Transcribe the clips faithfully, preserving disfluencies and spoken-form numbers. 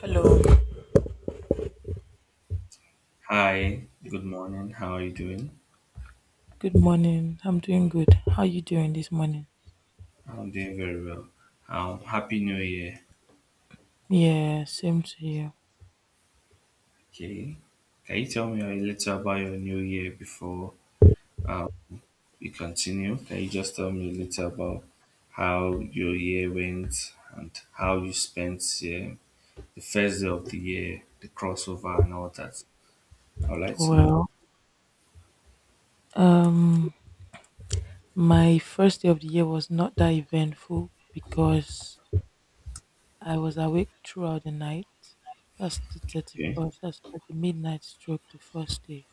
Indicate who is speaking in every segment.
Speaker 1: Hello.
Speaker 2: Hi, good morning. How are you doing?
Speaker 1: Good morning. I'm doing good. How you doing this morning?
Speaker 2: I'm doing very well. Um, happy New Year.
Speaker 1: Yeah, same to you.
Speaker 2: Okay. Can you tell me a little about your new year before we continue? Can you just tell me a little about how your year went and how you spent, yeah, the first day of the year, the crossover and all that? I would like to know.
Speaker 1: Well, um my first day of the year was not that eventful because I was awake throughout the night. That's the
Speaker 2: Okay.
Speaker 1: thirty-first. That's like the midnight stroke the first day.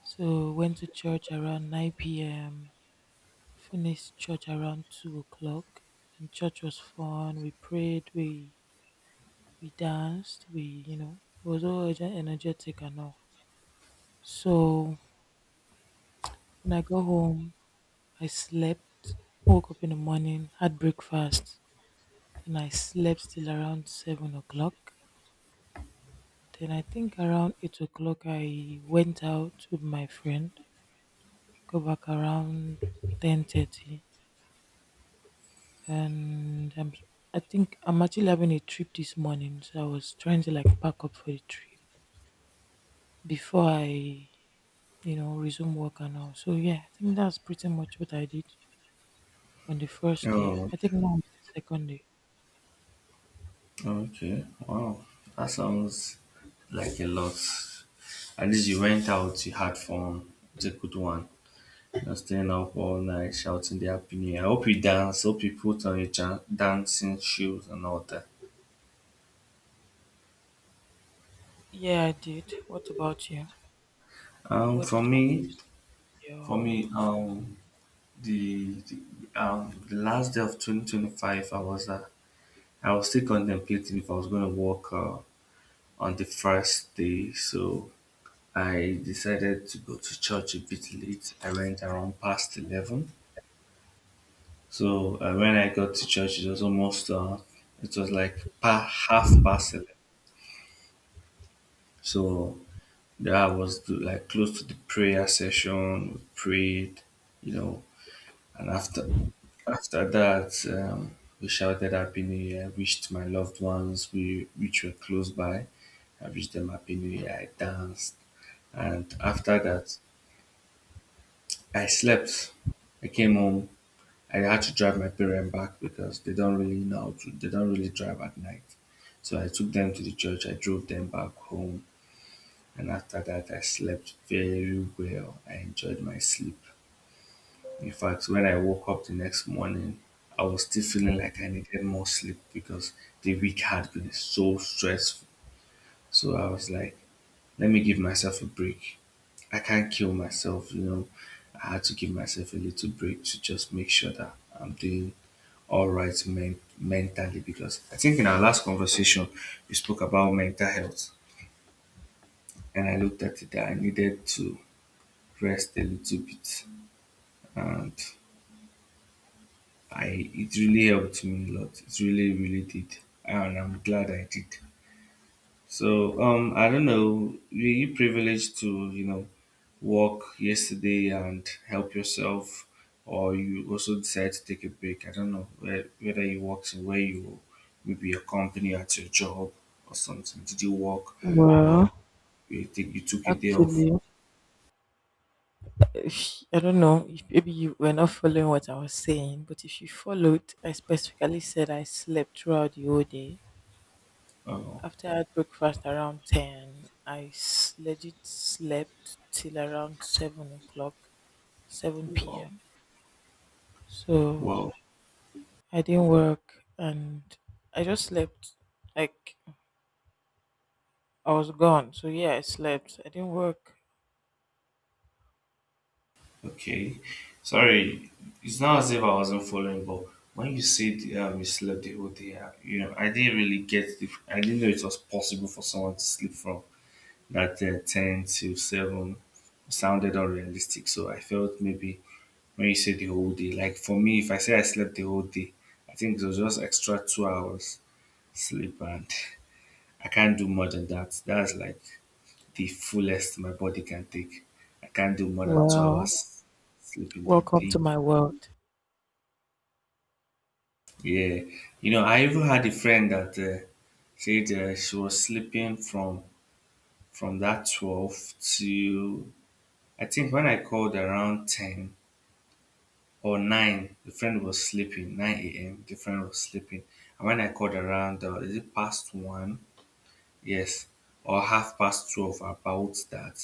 Speaker 1: So went to church around nine p m. Finished church around two o'clock. And church was fun. We prayed. We we danced, we, you know, it was all ener- energetic and all. So when I got home, I slept, woke up in the morning, had breakfast, then I slept till around seven o'clock. Then I think around eight o'clock I went out with my friend. Go back around ten thirty, and I'm I think I'm actually having a trip this morning, so I was trying to like pack up for the trip before I, you know, resume work and all. So yeah, I think that's pretty much what I did on the first day.
Speaker 2: Oh,
Speaker 1: I think now it's the second day.
Speaker 2: okay. Wow. That sounds like a lot. At least you went out, you had fun. It's a good one. And staying up all night shouting their opinion. I hope you dance. Hope you put on your jan- dancing shoes and all that.
Speaker 1: Yeah, I did. What about you?
Speaker 2: Um,
Speaker 1: What
Speaker 2: for
Speaker 1: did you
Speaker 2: me, for
Speaker 1: your
Speaker 2: me, um, the, the um the last day of twenty twenty five, I was uh, I was still contemplating if I was going to work, uh, on the first day, so I decided to go to church a bit late. I went around past eleven, so, uh, when I got to church, it was almost, uh, it was like pa- half past eleven. So that was, the, like, close to the prayer session. We prayed, you know, and after after that, um, we shouted Happy New Year. Wished my loved ones, we which were close by. I wished them Happy New Year. I danced, and after that, I slept. I came home. I had to drive my parents back because they don't really know how to. They don't really drive at night. So I took them to the church. I drove them back home. And after that I slept very well. I enjoyed my sleep. In fact, when I woke up the next morning, I was still feeling like I needed more sleep because the week had been so stressful. So I was like, let me give myself a break. I can't kill myself, you know. I had to give myself a little break to just make sure that I'm doing all right men- mentally, because I think in our last conversation we spoke about mental health and I looked at it that I needed to rest a little bit, and I it really helped me a lot. It really, really did, and I'm glad I did. So, um, I don't know. Were you privileged to, you know work yesterday and help yourself, or you also decided to take a break? I don't know where, whether you worked in where you maybe your company at your job or something. Did you work, or
Speaker 1: Well,
Speaker 2: you think you took a day off?
Speaker 1: actually, if- I don't know if maybe you were not following what I was saying, but if you followed, I specifically said I slept throughout the whole day.
Speaker 2: Uh,
Speaker 1: After I had breakfast around ten, I s- legit slept till around seven o'clock, 7
Speaker 2: wow,
Speaker 1: p.m. So
Speaker 2: wow.
Speaker 1: I didn't work and I just slept. Like I was gone. So yeah, I slept. I didn't work.
Speaker 2: Okay. Sorry, it's not as if I wasn't following, but when you said, um, you slept the whole day, uh, you know, I didn't really get the. I didn't know it was possible for someone to sleep from that, uh, ten to seven. Sounded unrealistic, so I felt maybe when you said the whole day, like, for me, if I say I slept the whole day, I think it was just extra two hours sleep, and I can't do more than that. That's like the fullest my body can take. I can't do more than two
Speaker 1: Well,
Speaker 2: hours sleep in the
Speaker 1: welcome
Speaker 2: day.
Speaker 1: to my world.
Speaker 2: Yeah, you know, I even had a friend that, uh, said, uh, she was sleeping from from that twelve to, I think when I called around ten or nine, the friend was sleeping nine a m. The friend was sleeping, and when I called around, uh, is it past one? Yes, or half past twelve? About that,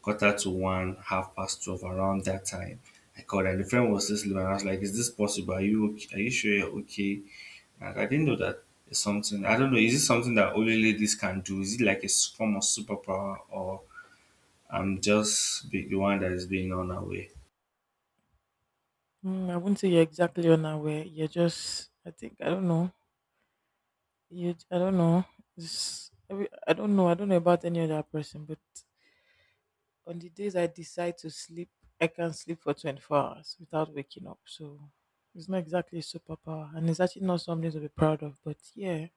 Speaker 2: quarter to one, half past twelve, around that time. I called and the friend was still sleeping. And I was like, "Is this possible? Are you okay? Are you sure you're okay?" I, I didn't know that is something. I don't know. Is it something that only ladies can do? Is it like a s- form of superpower, or I'm just be, the one that is being on our way?
Speaker 1: Mm, I wouldn't say you're exactly unaware. You're just, I think, I don't know. You, I don't know. It's, every- I don't know. I don't know about any other person, but on the days I decide to sleep, I can sleep for twenty-four hours without waking up. So it's not exactly a superpower, and it's actually not something to be proud of. But yeah,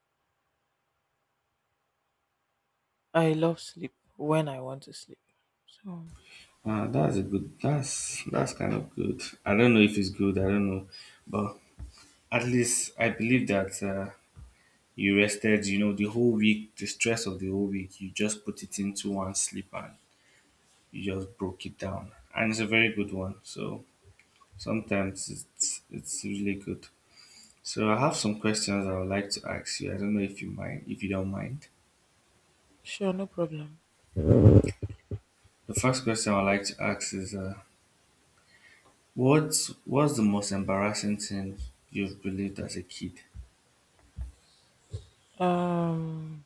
Speaker 1: I love sleep when I want to sleep. So,
Speaker 2: Uh, that's a good. That's that's kind of good. I don't know if it's good. I don't know, but at least I believe that, uh, you rested. You know, the whole week, the stress of the whole week, you just put it into one sleep and you just broke it down. And it's a very good one. So sometimes it's it's really good. So I have some questions I would like to ask you. I don't know if you mind, if you don't mind.
Speaker 1: sure, no problem.
Speaker 2: The first question I'd like to ask is, uh, what's what's the most embarrassing thing you've believed as a kid?
Speaker 1: Um,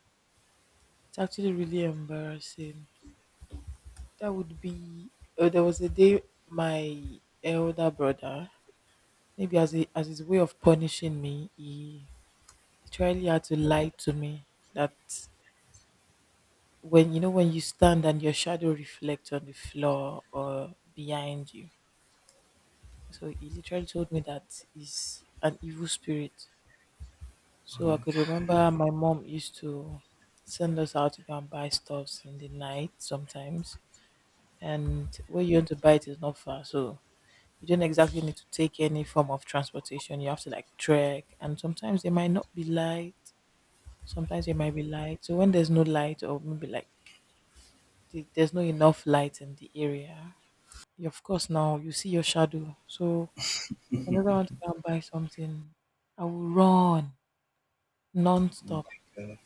Speaker 1: it's actually really embarrassing. That would be. Uh, there was a day my elder brother, maybe as a, as his way of punishing me, he literally had to lie to me that, when you know, when you stand and your shadow reflects on the floor or behind you. So he literally told me that is an evil spirit.
Speaker 2: Oh
Speaker 1: So
Speaker 2: my
Speaker 1: I could remember my mom used to send us out to go and buy stuffs in the night sometimes. And where you want to buy it is not far. So you don't exactly need to take any form of transportation. You have to like trek. And sometimes there might not be light. Sometimes there might be light. So when there's no light, or maybe like the, there's not enough light in the area, you, of course now you see your shadow. So whenever I want to go and buy something, I will run non stop
Speaker 2: God,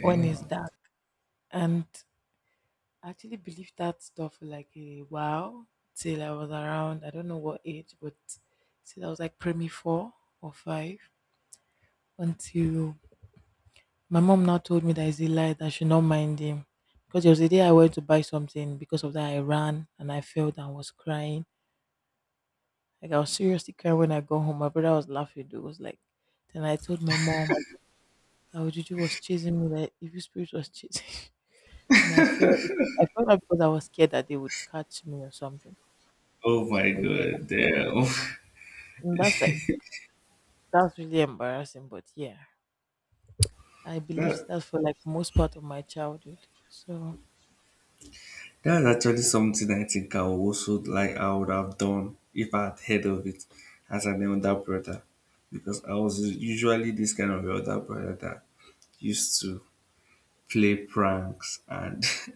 Speaker 1: when it's dark. And I actually believed that stuff for like a while till I was around, I don't know what age, but till I was like primary four or five until my mom now told me that it's a lie, that I should not mind him. Because there was a day I went to buy something, because of that I ran and I fell and was crying. Like I was seriously crying when I got home. My brother was laughing. It was like, then I told my mom that Ojuju was chasing me, that evil spirit was chasing. And I fell because I fell out because I was scared that they would catch me or something.
Speaker 2: Oh
Speaker 1: So,
Speaker 2: my
Speaker 1: but yeah,
Speaker 2: God, damn!
Speaker 1: that, mm, that's like that's really embarrassing. But yeah, I believed
Speaker 2: that
Speaker 1: that for like most part of my childhood. So
Speaker 2: that's actually something I think I would also like. I would have done if I had heard of it as an elder brother, because I was usually this kind of elder brother that used to play pranks. And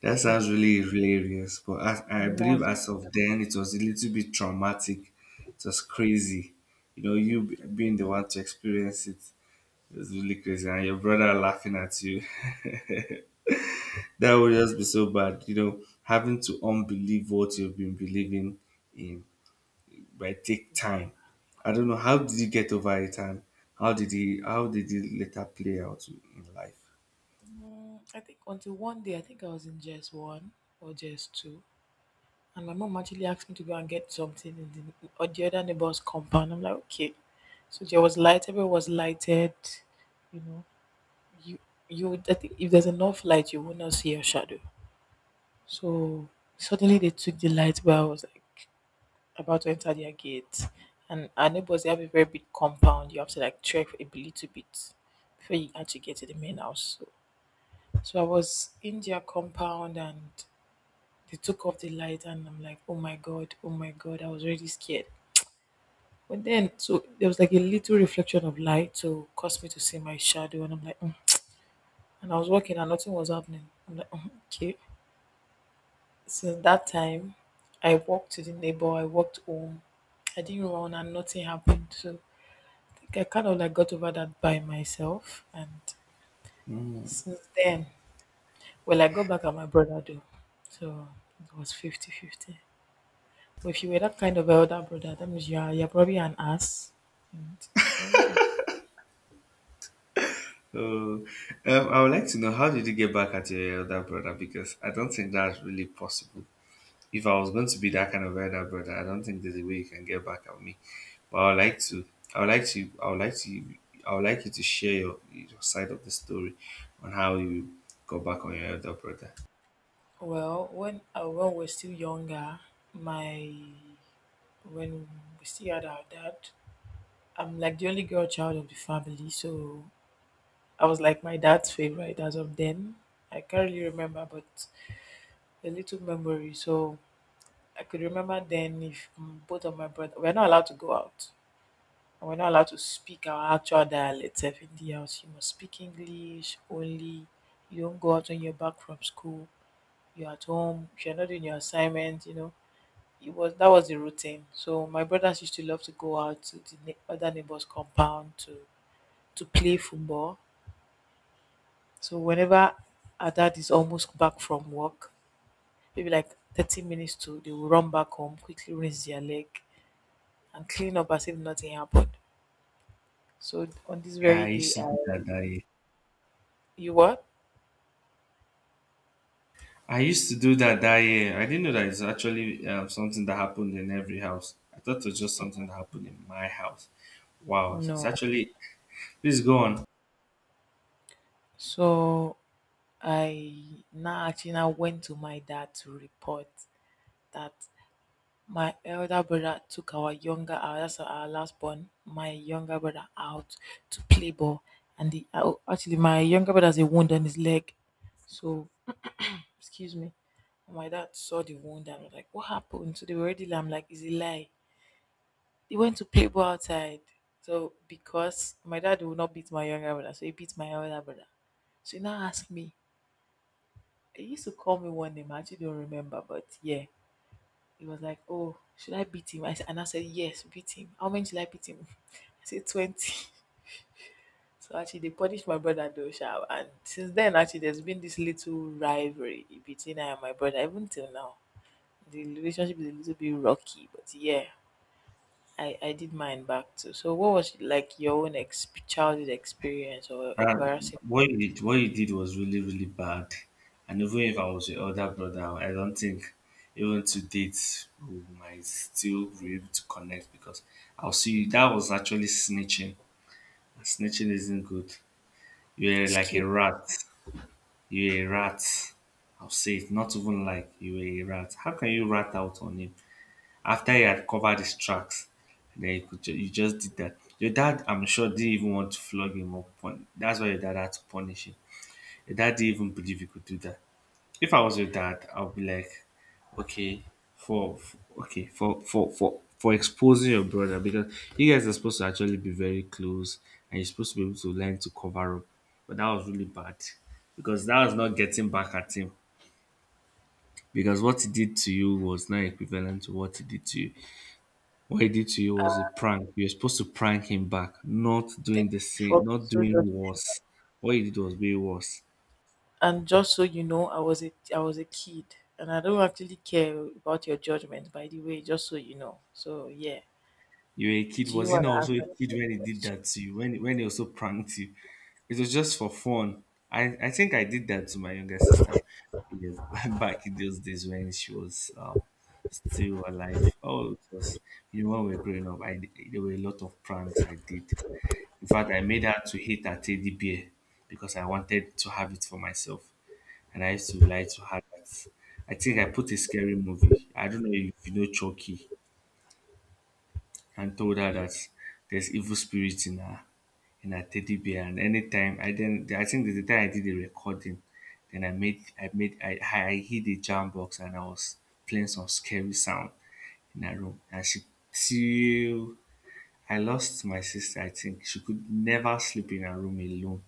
Speaker 2: That sounds really, really hilarious, but, as, I
Speaker 1: mm,
Speaker 2: believe
Speaker 1: that's
Speaker 2: as of then it was a little bit traumatic. It was crazy. You know, you b-
Speaker 1: really
Speaker 2: being the one to experience it, it was really crazy, and your brother laughing at you. that would just be so bad. You know, having to unbelieve what you've been believing in might take time.
Speaker 1: yeah.
Speaker 2: I don't know how did you get over it, and how did he how did it later play out in life?
Speaker 1: Mm, I think until one day, I think I was in J S one or J S two, and my mom actually asked me to go and get something in the or the other neighbor's compound. I'm like, okay. So there was light. Everyone was lighted. You know, you you. would- I think if there's enough light, you will not see your shadow. So suddenly they took the light, but I was like about to enter their gate. And our neighbors, they have a very big compound. You have to like trek a little bit before you actually get to the main house. So, so I was in their compound and they took off the light, and I'm like, oh my God, oh my God, I was really scared. But then, so there was like a little reflection of light to cause me to see my shadow. And I'm like, "Mm." And I was walking and nothing was happening. I'm like, "Mm, okay. Since that time, I walked to the neighbor, I walked home. I didn't run and nothing happened. So I kind of like got over that by myself, and since then, well, I got back at my brother though, so it was fifty-fifty. But if you were that kind of elder brother, that means you're you're probably an ass. And well, yeah.
Speaker 2: Oh, um, I would like to know how did you get back at your elder brother? Because I don't think that's really possible. If I was going to be that kind of elder brother, I don't think there's a way you can get back at me. But I would like to. I would like to. I would like to. I would like you to share your, your side of the story on how you got back on your elder brother.
Speaker 1: Well, when uh, when we're still younger, my when we still had our dad. I'm like the only girl child of the family, so I was like my dad's favorite as of then. I can't really remember, but a little memory. So I could remember then if mm, both of my brothers we're not allowed to go out. And we're not allowed to speak our actual dialects in the house. You must speak English only. You don't go out when you're back from school. You're at home. If you're not doing your assignment, you know. It was That was the routine. So my brothers used to love to go out to the ne- other neighbors' compound to to play football. So whenever our dad is almost back from work, maybe like thirty minutes to, they will run back home, quickly rinse their leg, and clean up as if nothing happened. So on this
Speaker 2: Yeah, I
Speaker 1: very
Speaker 2: used
Speaker 1: day,
Speaker 2: to
Speaker 1: I
Speaker 2: do that that year.
Speaker 1: you what?
Speaker 2: I used to do that that year. I didn't know that it's actually, um, something that happened in every house. I thought it was just something that happened in my house. Wow, it's
Speaker 1: No.
Speaker 2: actually. Please go on.
Speaker 1: So I now actually now went to my dad to report that my elder brother took our younger our that's our last born, my younger brother, out to play ball, and the oh, actually my younger brother has a wound on his leg, so excuse me. My dad saw the wound and was like, "What happened?" So they were already. I'm like, "Is a lie." He went to play ball outside. So because my dad would not beat my younger brother, so he beat my elder brother. So he now asked me. He used to call me one name. I actually don't remember, but yeah, he was like, "Oh, should I beat him?" I said, and I said, "Yes, beat him." How many should I beat him? I said twenty. So actually, they punished my brother though, sha. And since then, actually, there's been this little rivalry between I and my brother. Even till now, the relationship is a little bit rocky, but yeah. I, I did mine back too. So what was like your own exp- childhood experience or
Speaker 2: Uh,
Speaker 1: embarrassing?
Speaker 2: what you did, what you did was really, really bad. And even if I was your older brother, I don't think even to date we might still be able to connect because I'll see that was actually snitching. And snitching isn't good. You're like a
Speaker 1: Excuse me,
Speaker 2: rat. You're a rat. I'll say it. Not even like you were a rat. How can you rat out on him after he had covered his tracks? And then you could ju- you just did that. Your dad, I'm sure, didn't even want to flog him up. That's why your dad had to punish him. Your dad didn't even believe you could do that. If I was your dad, I would be like, okay, for, for okay for for for for exposing your brother, because you guys are supposed to actually be very close, and you're supposed to be able to learn to cover up. But that was really bad because that was not getting back at him. Because what he did to you was not equivalent to what he did to you. What he did to you was a prank. You're supposed to prank him back, not
Speaker 1: thank
Speaker 2: doing the
Speaker 1: you for
Speaker 2: same,
Speaker 1: being
Speaker 2: not
Speaker 1: so
Speaker 2: doing
Speaker 1: judgmental.
Speaker 2: worse. What he did was way worse.
Speaker 1: And just so you know, I was a I was a kid, and I don't actually care about your judgment. By the way, just so you know. So yeah,
Speaker 2: You were a kid.
Speaker 1: do you
Speaker 2: Was he
Speaker 1: want
Speaker 2: not
Speaker 1: to
Speaker 2: also a
Speaker 1: answer this
Speaker 2: kid when he did
Speaker 1: question?
Speaker 2: that to you? When when he also pranked you? It was just for fun. I, I think I did that to my younger sister, you know, back in those days when she was, um, still alive. Oh, it was, you know, when we were growing up, I, did- there were a lot of pranks I did. In fact, I made her to hate her teddy bear because I wanted to have it for myself. And I used to lie to her that I think I put a scary movie. I don't know if you know Chucky, and told her
Speaker 1: Yeah,
Speaker 2: that there's evil spirits in her in her teddy bear. And anytime I then I think the time I did the recording, then I made I made I, I hid the jam box and I was playing some scary sound in her room. And she till I lost my sister, I think she could never sleep in her room alone.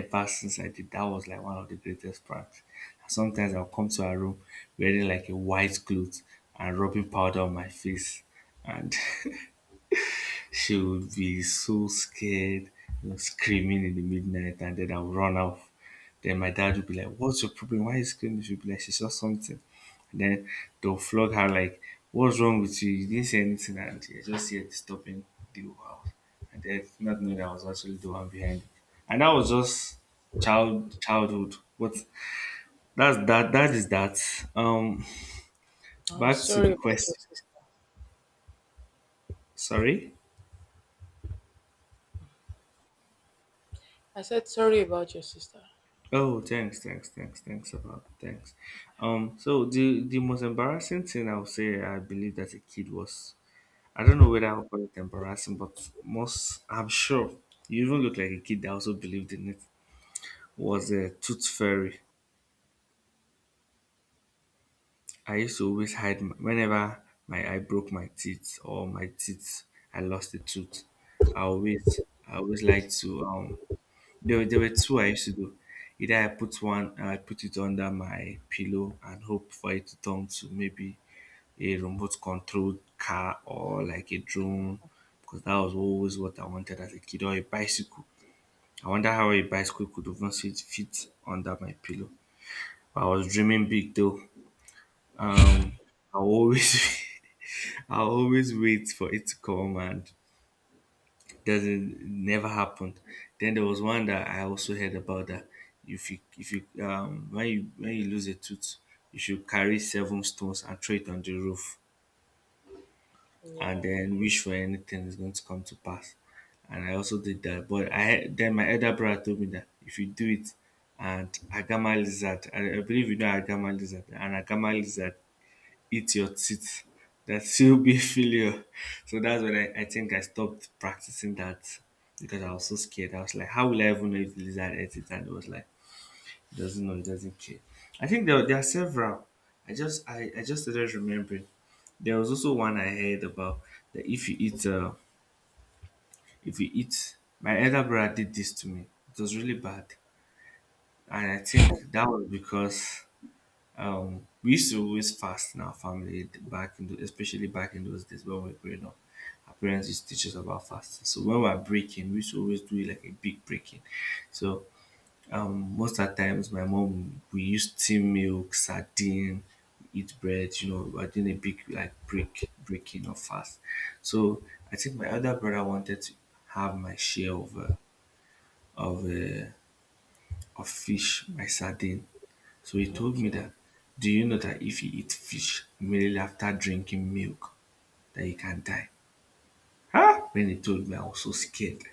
Speaker 2: Ever since I did that was like one of the greatest parts. And sometimes I'll come to her room wearing like a white cloth and rubbing powder on my face. And she would be so scared, you know, screaming in the midnight, and then I would run off. Then my dad would be like, "What's your problem? Why are you screaming?" She'd be like, "She saw something." And then they'll flog her, like, "What's wrong with you? You didn't say anything, and you're just here disturbing the whole house." And then not knowing that I was actually the one behind it. And that was just child childhood. What that's that that is that. Um
Speaker 1: I'm
Speaker 2: Back to the
Speaker 1: sorry about your
Speaker 2: question.
Speaker 1: sister.
Speaker 2: Sorry?
Speaker 1: I said sorry about your sister.
Speaker 2: Oh, thanks, thanks, thanks, thanks about thanks. Um, so the the most embarrassing thing I would say I believe that a kid was, I don't know whether I'll call it embarrassing, but most I'm sure you even look like a kid that also believed in it, was a tooth fairy. I used to always hide my, whenever my I broke my teeth or my teeth I lost a tooth. I always I always like to um There, were- there were two I used to do. Either I put one and I put it under my pillow and hope for it to turn to maybe a remote controlled car or like a drone because that was always what I wanted as a kid, or a bicycle. I wonder how a bicycle could even fit, fit under my pillow. I was dreaming big though. Um, I always I always wait for it to come and doesn't never happened. Then there was one that I also heard about, that if you if you um when you when you lose a tooth, you should carry seven stones and throw it on the roof and
Speaker 1: Yeah.
Speaker 2: then wish for anything is going to come to pass. And I also did that. But I had- then my elder brother told me that if you do it, and Agama lizard, I, I believe you know Agama lizard, and Agama lizard eat your teeth. That still be failure. So that's when I, I think I stopped practicing that because I was so scared. I was like, how will I even know if the lizard ate it? And it was like, it doesn't know, it doesn't care. I think there, there are several. I just I, I just started remembering. There was also one I heard about, that if you eat uh if you eat my elder brother did this to me. It was really bad. And I think that was because, Um, we used to always fast in our family back in the, especially back in those days when we were growing up. Our parents used to teach us about fasting. So when we are breaking, we used to always do like a big breaking. So um, most of the times, my mom we use steam milk, sardine, eat bread. You know, we are doing a big like break breaking of fast. So I think my other brother wanted to have my share of uh, of uh, of fish, my sardine. So he told me
Speaker 1: Okay.
Speaker 2: that, do you know that if you eat fish immediately after drinking milk, that you can die? Huh? When he told me, I was so scared.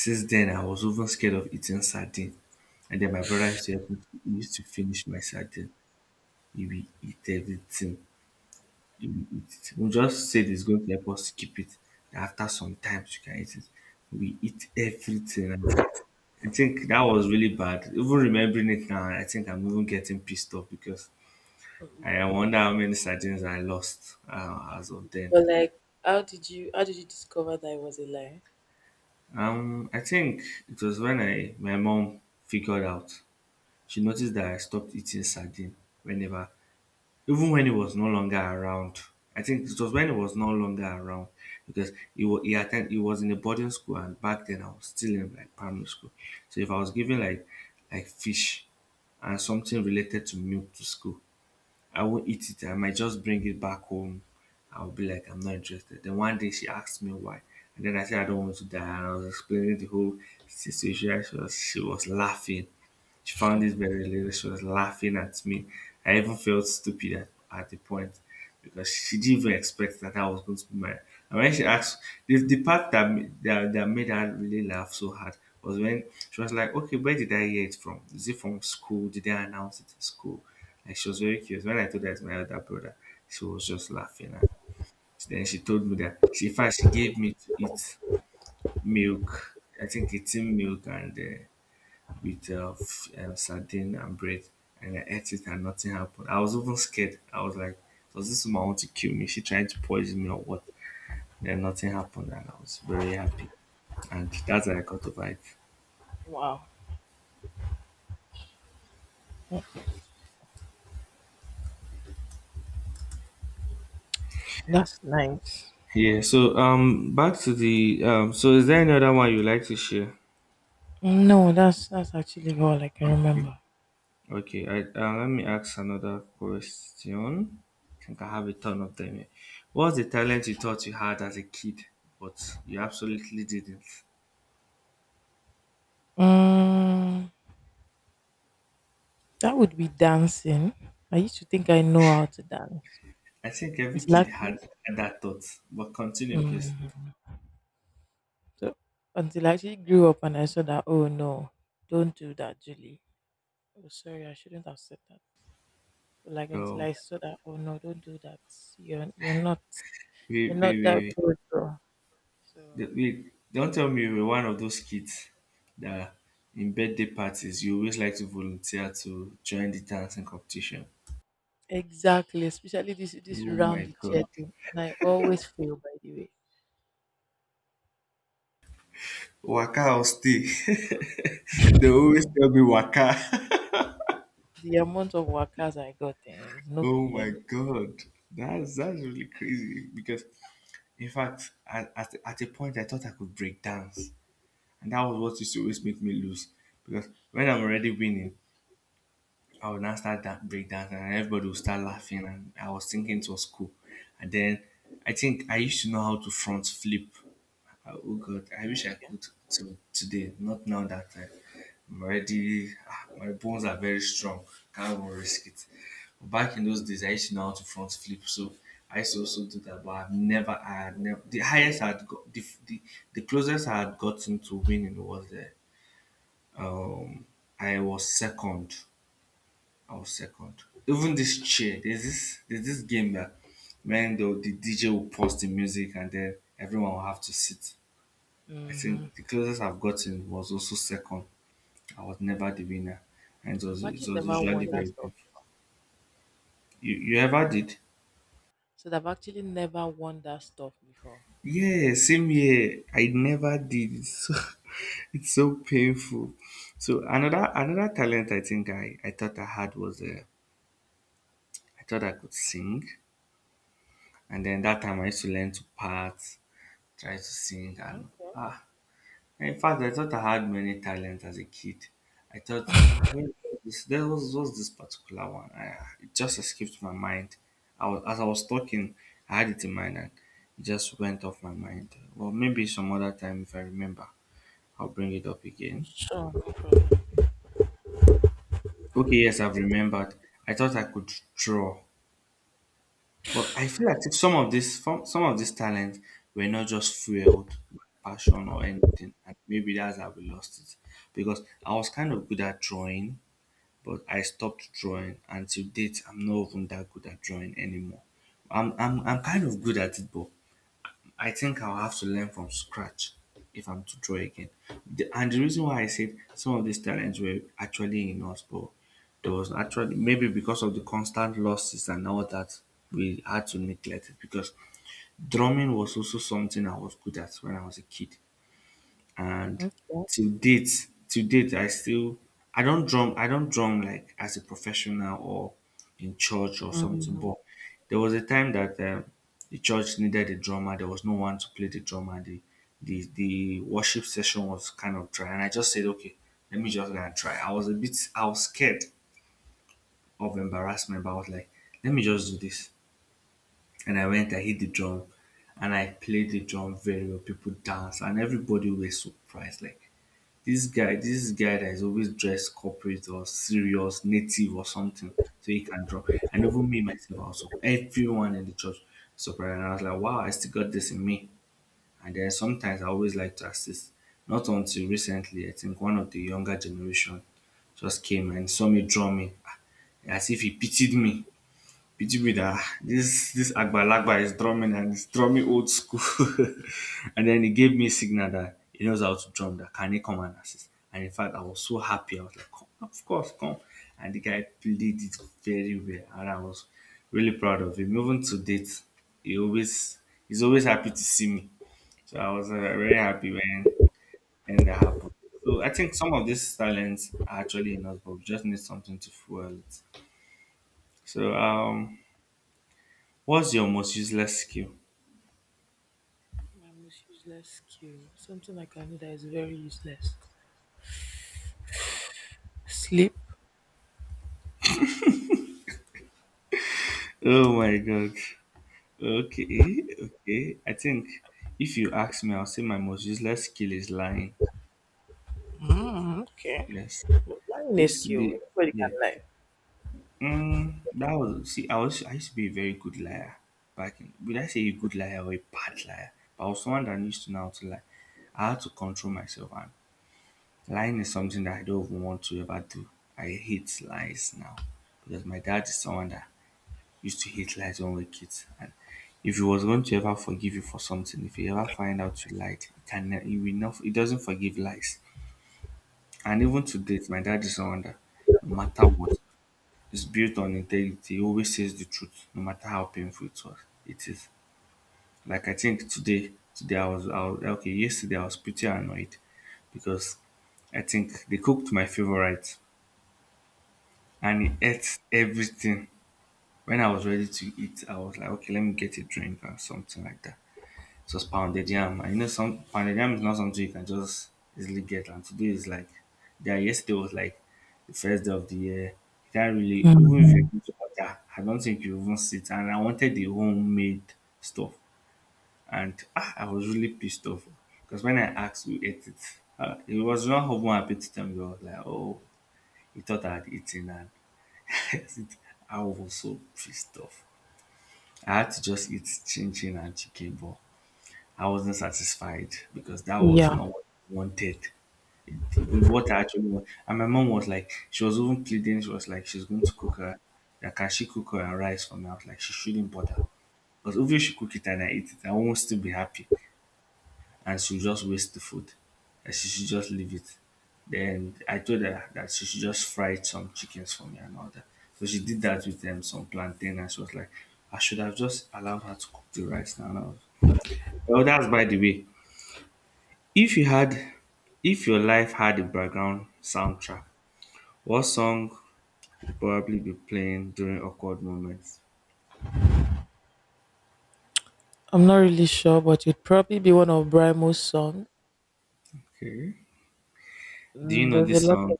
Speaker 2: Since then, I was even scared of eating sardine. And then my brother used to help me. He used to finish my sardine. He will eat everything. He will eat it. We just said it's going to help us keep it. That After some time, you can eat it. We eat everything. And I think that was really bad. Even remembering it now, I think I'm even getting pissed off because
Speaker 1: Mm,
Speaker 2: I wonder how many sardines I lost uh, as of then.
Speaker 1: but like, how did you how did you discover that it was a lie?
Speaker 2: Um, I think it was when I my mom figured out. She noticed that I stopped eating sardine whenever, even when it was no longer around. I think it was when it was no longer around because it was he attend it was in a boarding school, and back then I was still in like primary school. So if I was giving like like fish and something related to milk to school, I won't eat it. I might just bring it back home. I'll be like, I'm not interested. Then one day she asked me why. And then I said, I don't want to die. And I was explaining the whole situation. She was, she was laughing. She found this very hilarious. She was laughing at me. I even felt stupid at, at the point because she didn't even expect that I was going to be married. And when she asked, the, the part that, ma- that that made her really laugh so hard was when she was like, "Okay, where did I hear it from? Is it from school? Did they announce it in school?" Like she was very curious. When I told her it's my other brother, she was just laughing. And then she told me that she, in fact, she gave me to eat milk. I think it's in milk and uh, with uh, f- uh, sardine and bread, and I ate it and nothing happened. I was even scared. I was like, "Does this woman want to kill me? Is she trying to poison me or what?" Then nothing happened, and I was very happy, and that's how I got over it.
Speaker 1: Wow, that's nice.
Speaker 2: Yeah. So um, back to the um. So is there any other one you like to share?
Speaker 1: No, that's that's actually all I can
Speaker 2: Okay.
Speaker 1: remember.
Speaker 2: Okay. I uh, let me ask another question. I think I have a ton of them. Here. What's the talent you thought you had as a kid, but you absolutely didn't?
Speaker 1: Mm, that would be dancing. I used to think I know how to dance
Speaker 2: I think every
Speaker 1: until I
Speaker 2: kid
Speaker 1: actually,
Speaker 2: had that thought. But continue, please.
Speaker 1: mm, so, until I actually grew up and I saw that. Oh no, don't do that, Julie. Oh, sorry, I shouldn't have said that. But like until I
Speaker 2: So,
Speaker 1: saw that. Oh no, don't do that. You're you're not you're
Speaker 2: wait, wait,
Speaker 1: not that
Speaker 2: wait,
Speaker 1: good, bro. So
Speaker 2: wait. wait. Don't tell me you were one of those kids that in birthday parties you always like to volunteer to join the dancing competition.
Speaker 1: exactly, especially this this
Speaker 2: Oh my
Speaker 1: round the chair
Speaker 2: god.
Speaker 1: thing, and I always fail. By the way.
Speaker 2: Waka or stay. They always tell me waka.
Speaker 1: The amount of workers I got eh, is no be
Speaker 2: Oh
Speaker 1: here.
Speaker 2: my god, that's that's really crazy. Because in fact, at, at, at a point I thought I could break dance. And that was what used to always make me lose. Because when I'm already winning, I would now start that breakdancing and everybody would start laughing. And I was thinking it was cool. And then I think I used to know how to front flip. Uh, Oh God, I
Speaker 1: Mm,
Speaker 2: wish I
Speaker 1: okay.
Speaker 2: could to today. Not now that I, I'm already, ah, my bones are very strong. Can't even risk it. But back in those days, I used to know how to front flip. So I used to also do that, but I've never, I had never, the highest I had got, the, the, the closest I had gotten to winning was there, um I was second. I was second. Even this chair, there's this there's this game, that when the, the D J will pause the music and then everyone will have to sit. I think
Speaker 1: Mm-hmm.
Speaker 2: the closest I've gotten was also second. I was never the winner, and it was
Speaker 1: I've
Speaker 2: it
Speaker 1: actually
Speaker 2: was
Speaker 1: never
Speaker 2: usually
Speaker 1: won that
Speaker 2: very painful.
Speaker 1: stuff.
Speaker 2: You you ever did?
Speaker 1: So I've actually never won that stuff before.
Speaker 2: Yeah, same here. I never did. It's so, it's so painful. So another another talent I think I I thought I had was uh, I thought I could sing. And then that time I used to learn to part, try to sing, and
Speaker 1: Okay.
Speaker 2: ah, in fact, I thought I had many talents as a kid. I thought, oh, where was this, there was, was this particular one. I, it just escaped my mind. I was, as I was talking, I had it in mind and it just went off my mind. Well, maybe some other time, if I remember, I'll bring it up again.
Speaker 1: Sure. No problem.
Speaker 2: Okay, yes, I've remembered. I thought I could draw. But I feel as if some of this some, some of these talents were not just fueled by passion or anything. And maybe that's how we lost it. Because I was kind of good at drawing, but I stopped drawing, and to date I'm not even that good at drawing anymore. I'm I'm
Speaker 1: I
Speaker 2: I'm kind
Speaker 1: think.
Speaker 2: of good at it, but I think I'll have to learn from scratch if I'm to draw again. The, and the reason why I said some of these talents were actually in us, but there was actually maybe because of the constant losses and all that, we had to neglect it, because drumming was also something I was good at when I was a kid. And
Speaker 1: Okay.
Speaker 2: to date to date I still i don't drum I don't drum like as a professional or in church or something,
Speaker 1: Mm-hmm.
Speaker 2: but there was a time that um, the church needed a drummer, there was no one to play the drummer, the the the worship session was kind of dry, and I just said okay, let me just go and try. i was a bit I was scared of embarrassment, but I was like, let me just do this. And I went, I hit the drum, and I played the drum very well, people danced, and everybody was surprised, like, this guy, this is guy that is always dressed corporate or serious, native or something, so he can draw. And even me myself, also, everyone in the church surprised. And I was like, wow, I still got this in me. And then sometimes I always like to assist. Not until recently, I think one of the younger generation just came and saw me draw me ah, as if he pitied me. Pity with ah, this this Agbalagba is drumming and he's drumming old school. And then he gave me a signal that he knows how to drum. That can he come and assist? And in fact, I was so happy. I was like, come, of course, come. And the guy played it very well, and I was really proud of him. Even to date, he always he's always happy to see me. So I was uh, very happy when when that happened. So I think some of these talents are actually in us, but we just need something to fuel it. So
Speaker 1: Yeah.
Speaker 2: um, What's your most useless skill?
Speaker 1: My most useless skill. Something I can do that is very useless. Sleep.
Speaker 2: Oh my god. Okay, okay. I think if you ask me, I'll say my most useless skill is lying.
Speaker 1: Mm, okay.
Speaker 2: Yes.
Speaker 1: But lying
Speaker 2: I
Speaker 1: is a
Speaker 2: used to
Speaker 1: skill.
Speaker 2: be
Speaker 1: Everybody can
Speaker 2: Yeah.
Speaker 1: lie.
Speaker 2: Mm, that was see, I was I used to be a very good liar back in, would I say a good liar or a bad liar? But I was someone that used to know how to lie. I had to control myself, and lying is something that I don't even want to ever do. I hate lies now. Because my dad is someone that used to hate lies when we were kids. And if he was going to ever forgive you for something, if he ever find out you lied, he can ne- he will not he doesn't forgive lies. And even to date, my dad is someone that, no matter what, is built on integrity. He always says the truth, no matter how painful it was it is. Like I think today today I was, I was okay, yesterday I was pretty annoyed because I think they cooked my favorite and he ate everything. When I was ready to eat, I was like, okay, let me get a drink or something like that. Just pounded yam. And you know, some pounded yam is not something you can just easily get. And today is like, yeah, yesterday was like the first day of the year. You can't really, even if you're
Speaker 1: Mhm.
Speaker 2: going to order, I don't think you even sit. And I wanted the homemade stuff. And ah, I was really pissed off because when I asked who ate it, uh, it was not even happy to tell me. He was like, oh, he thought I had eaten. And I was so pissed off. I had to just eat chin chin and chicken ball. I wasn't satisfied because that was
Speaker 1: Yeah,
Speaker 2: not what I wanted. It, it- what I actually want. And my mom was like, she was even pleading, she was like, she's going to cook her, like, can she cook her and rice for me? I was like, she shouldn't bother. Because if she cook it and I eat it, I won't still be happy. And she'll just waste the food. And she should just leave it. Then I told her that she should just fry some chickens for me and all that. So she did that with um, some plantain, and she was like, I should have just allowed her to cook the rice now. And I was. Well, that's by the way. If you had if your life had a background soundtrack, what song would probably be playing during awkward moments?
Speaker 1: I'm not really sure, but you'd probably be one of Brimo's song.
Speaker 2: Okay. Do you
Speaker 1: Mm,
Speaker 2: know
Speaker 1: there's a
Speaker 2: this
Speaker 1: lot
Speaker 2: song?
Speaker 1: of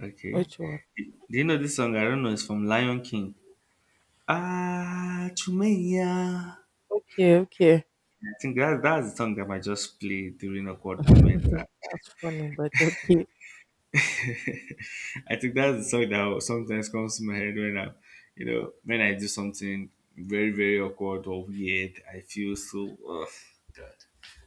Speaker 2: Okay.
Speaker 1: which one?
Speaker 2: Do you know this song? I don't know. It's from Lion King. Ah, Chumeya.
Speaker 1: Okay, okay.
Speaker 2: I think that, that's the song that I just play during awkward moment.
Speaker 1: That's funny, but okay.
Speaker 2: I think that's the song that sometimes comes to my head when I, you know, when I do something very, very awkward or weird. I feel so, oh, God.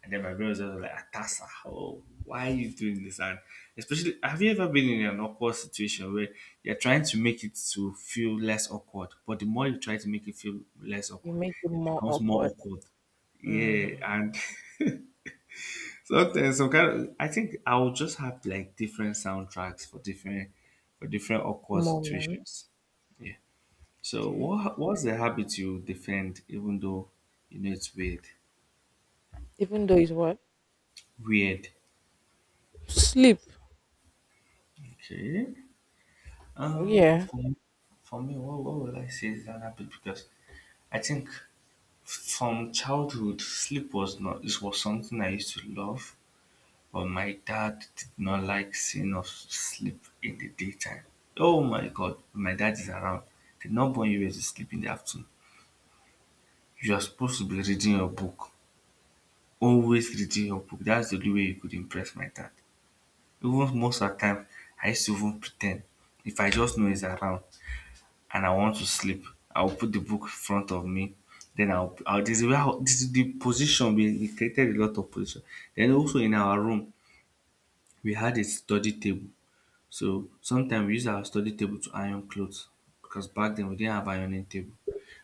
Speaker 2: And then my brother's just like, Atasa, oh, why are you doing this? And especially, have you ever been in an awkward situation where you're trying to make it to feel less awkward, but the more you try to make it feel less
Speaker 1: You
Speaker 2: awkward,
Speaker 1: make it
Speaker 2: it
Speaker 1: more
Speaker 2: becomes more
Speaker 1: awkward.
Speaker 2: awkward. Yeah.
Speaker 1: Hmm.
Speaker 2: And So there's some kind of, I think I will just have like different soundtracks for different for different awkward
Speaker 1: Moment.
Speaker 2: situations. Yeah. So
Speaker 1: Okay.
Speaker 2: what what's the habit you defend even though you know it's weird?
Speaker 1: Even though it's what?
Speaker 2: Weird.
Speaker 1: Sleep.
Speaker 2: Okay. Um
Speaker 1: Yeah.
Speaker 2: for me, for me what, what will I say is an habit? Because I think from childhood, sleep was not this was something I used to love. But my dad did not like seeing us sleep in the daytime. Oh my god, my dad is around. The number one you were to sleep in the afternoon. You are supposed to be reading your book. Always reading your book. That's the only way you could impress my dad. Even most of the time, I used to even pretend. If I just know he's around and I want to sleep, I'll put the book in front of me. Then I'll, I'll this is where I'll- this is the position we, we created. A lot of position. Then also in our room, we had a study table. So sometimes we use our study table to iron clothes because back then we didn't have ironing table.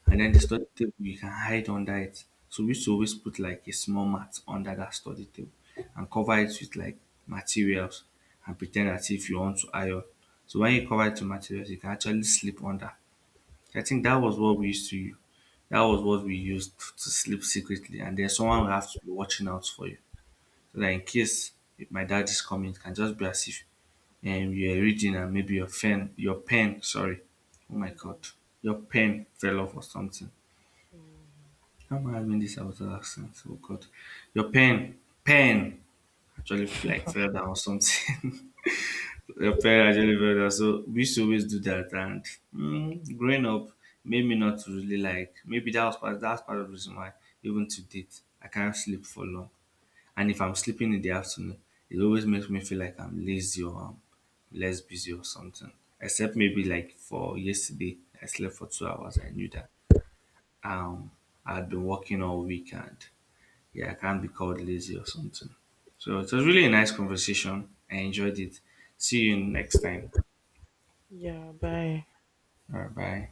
Speaker 2: And then the study table, you can hide under it. So we used to always put like a small mat under that study table and cover it with like materials, and pretend as if you want to iron. So when you cover it with materials, you can actually sleep under. I think that was what we used to use. That was what we used to sleep secretly. And then someone will have to be watching out for you. So that in case if my dad is coming, it can just be as if, and you're reading, and maybe your pen, your pen, sorry, oh my
Speaker 1: Well
Speaker 2: god,
Speaker 1: done.
Speaker 2: your pen fell off or something.
Speaker 1: Mhm.
Speaker 2: How am I having this out of accent? Oh god, your pen, pen actually like fell down or something. Your pen actually fell down. So we used to always do that. And mm, growing up made me not to really like. Maybe that was part. That's part of the reason why even to date I can't sleep for long. And if I'm sleeping in the afternoon, it always makes me feel like I'm lazy or I'm less busy or something. Except maybe like for yesterday, I slept for two hours. I knew that um I'd been working all weekend. Yeah, I can't be called lazy or something. So it was really a nice conversation. I enjoyed it. See you next time.
Speaker 1: Yeah, bye.
Speaker 2: All right, bye.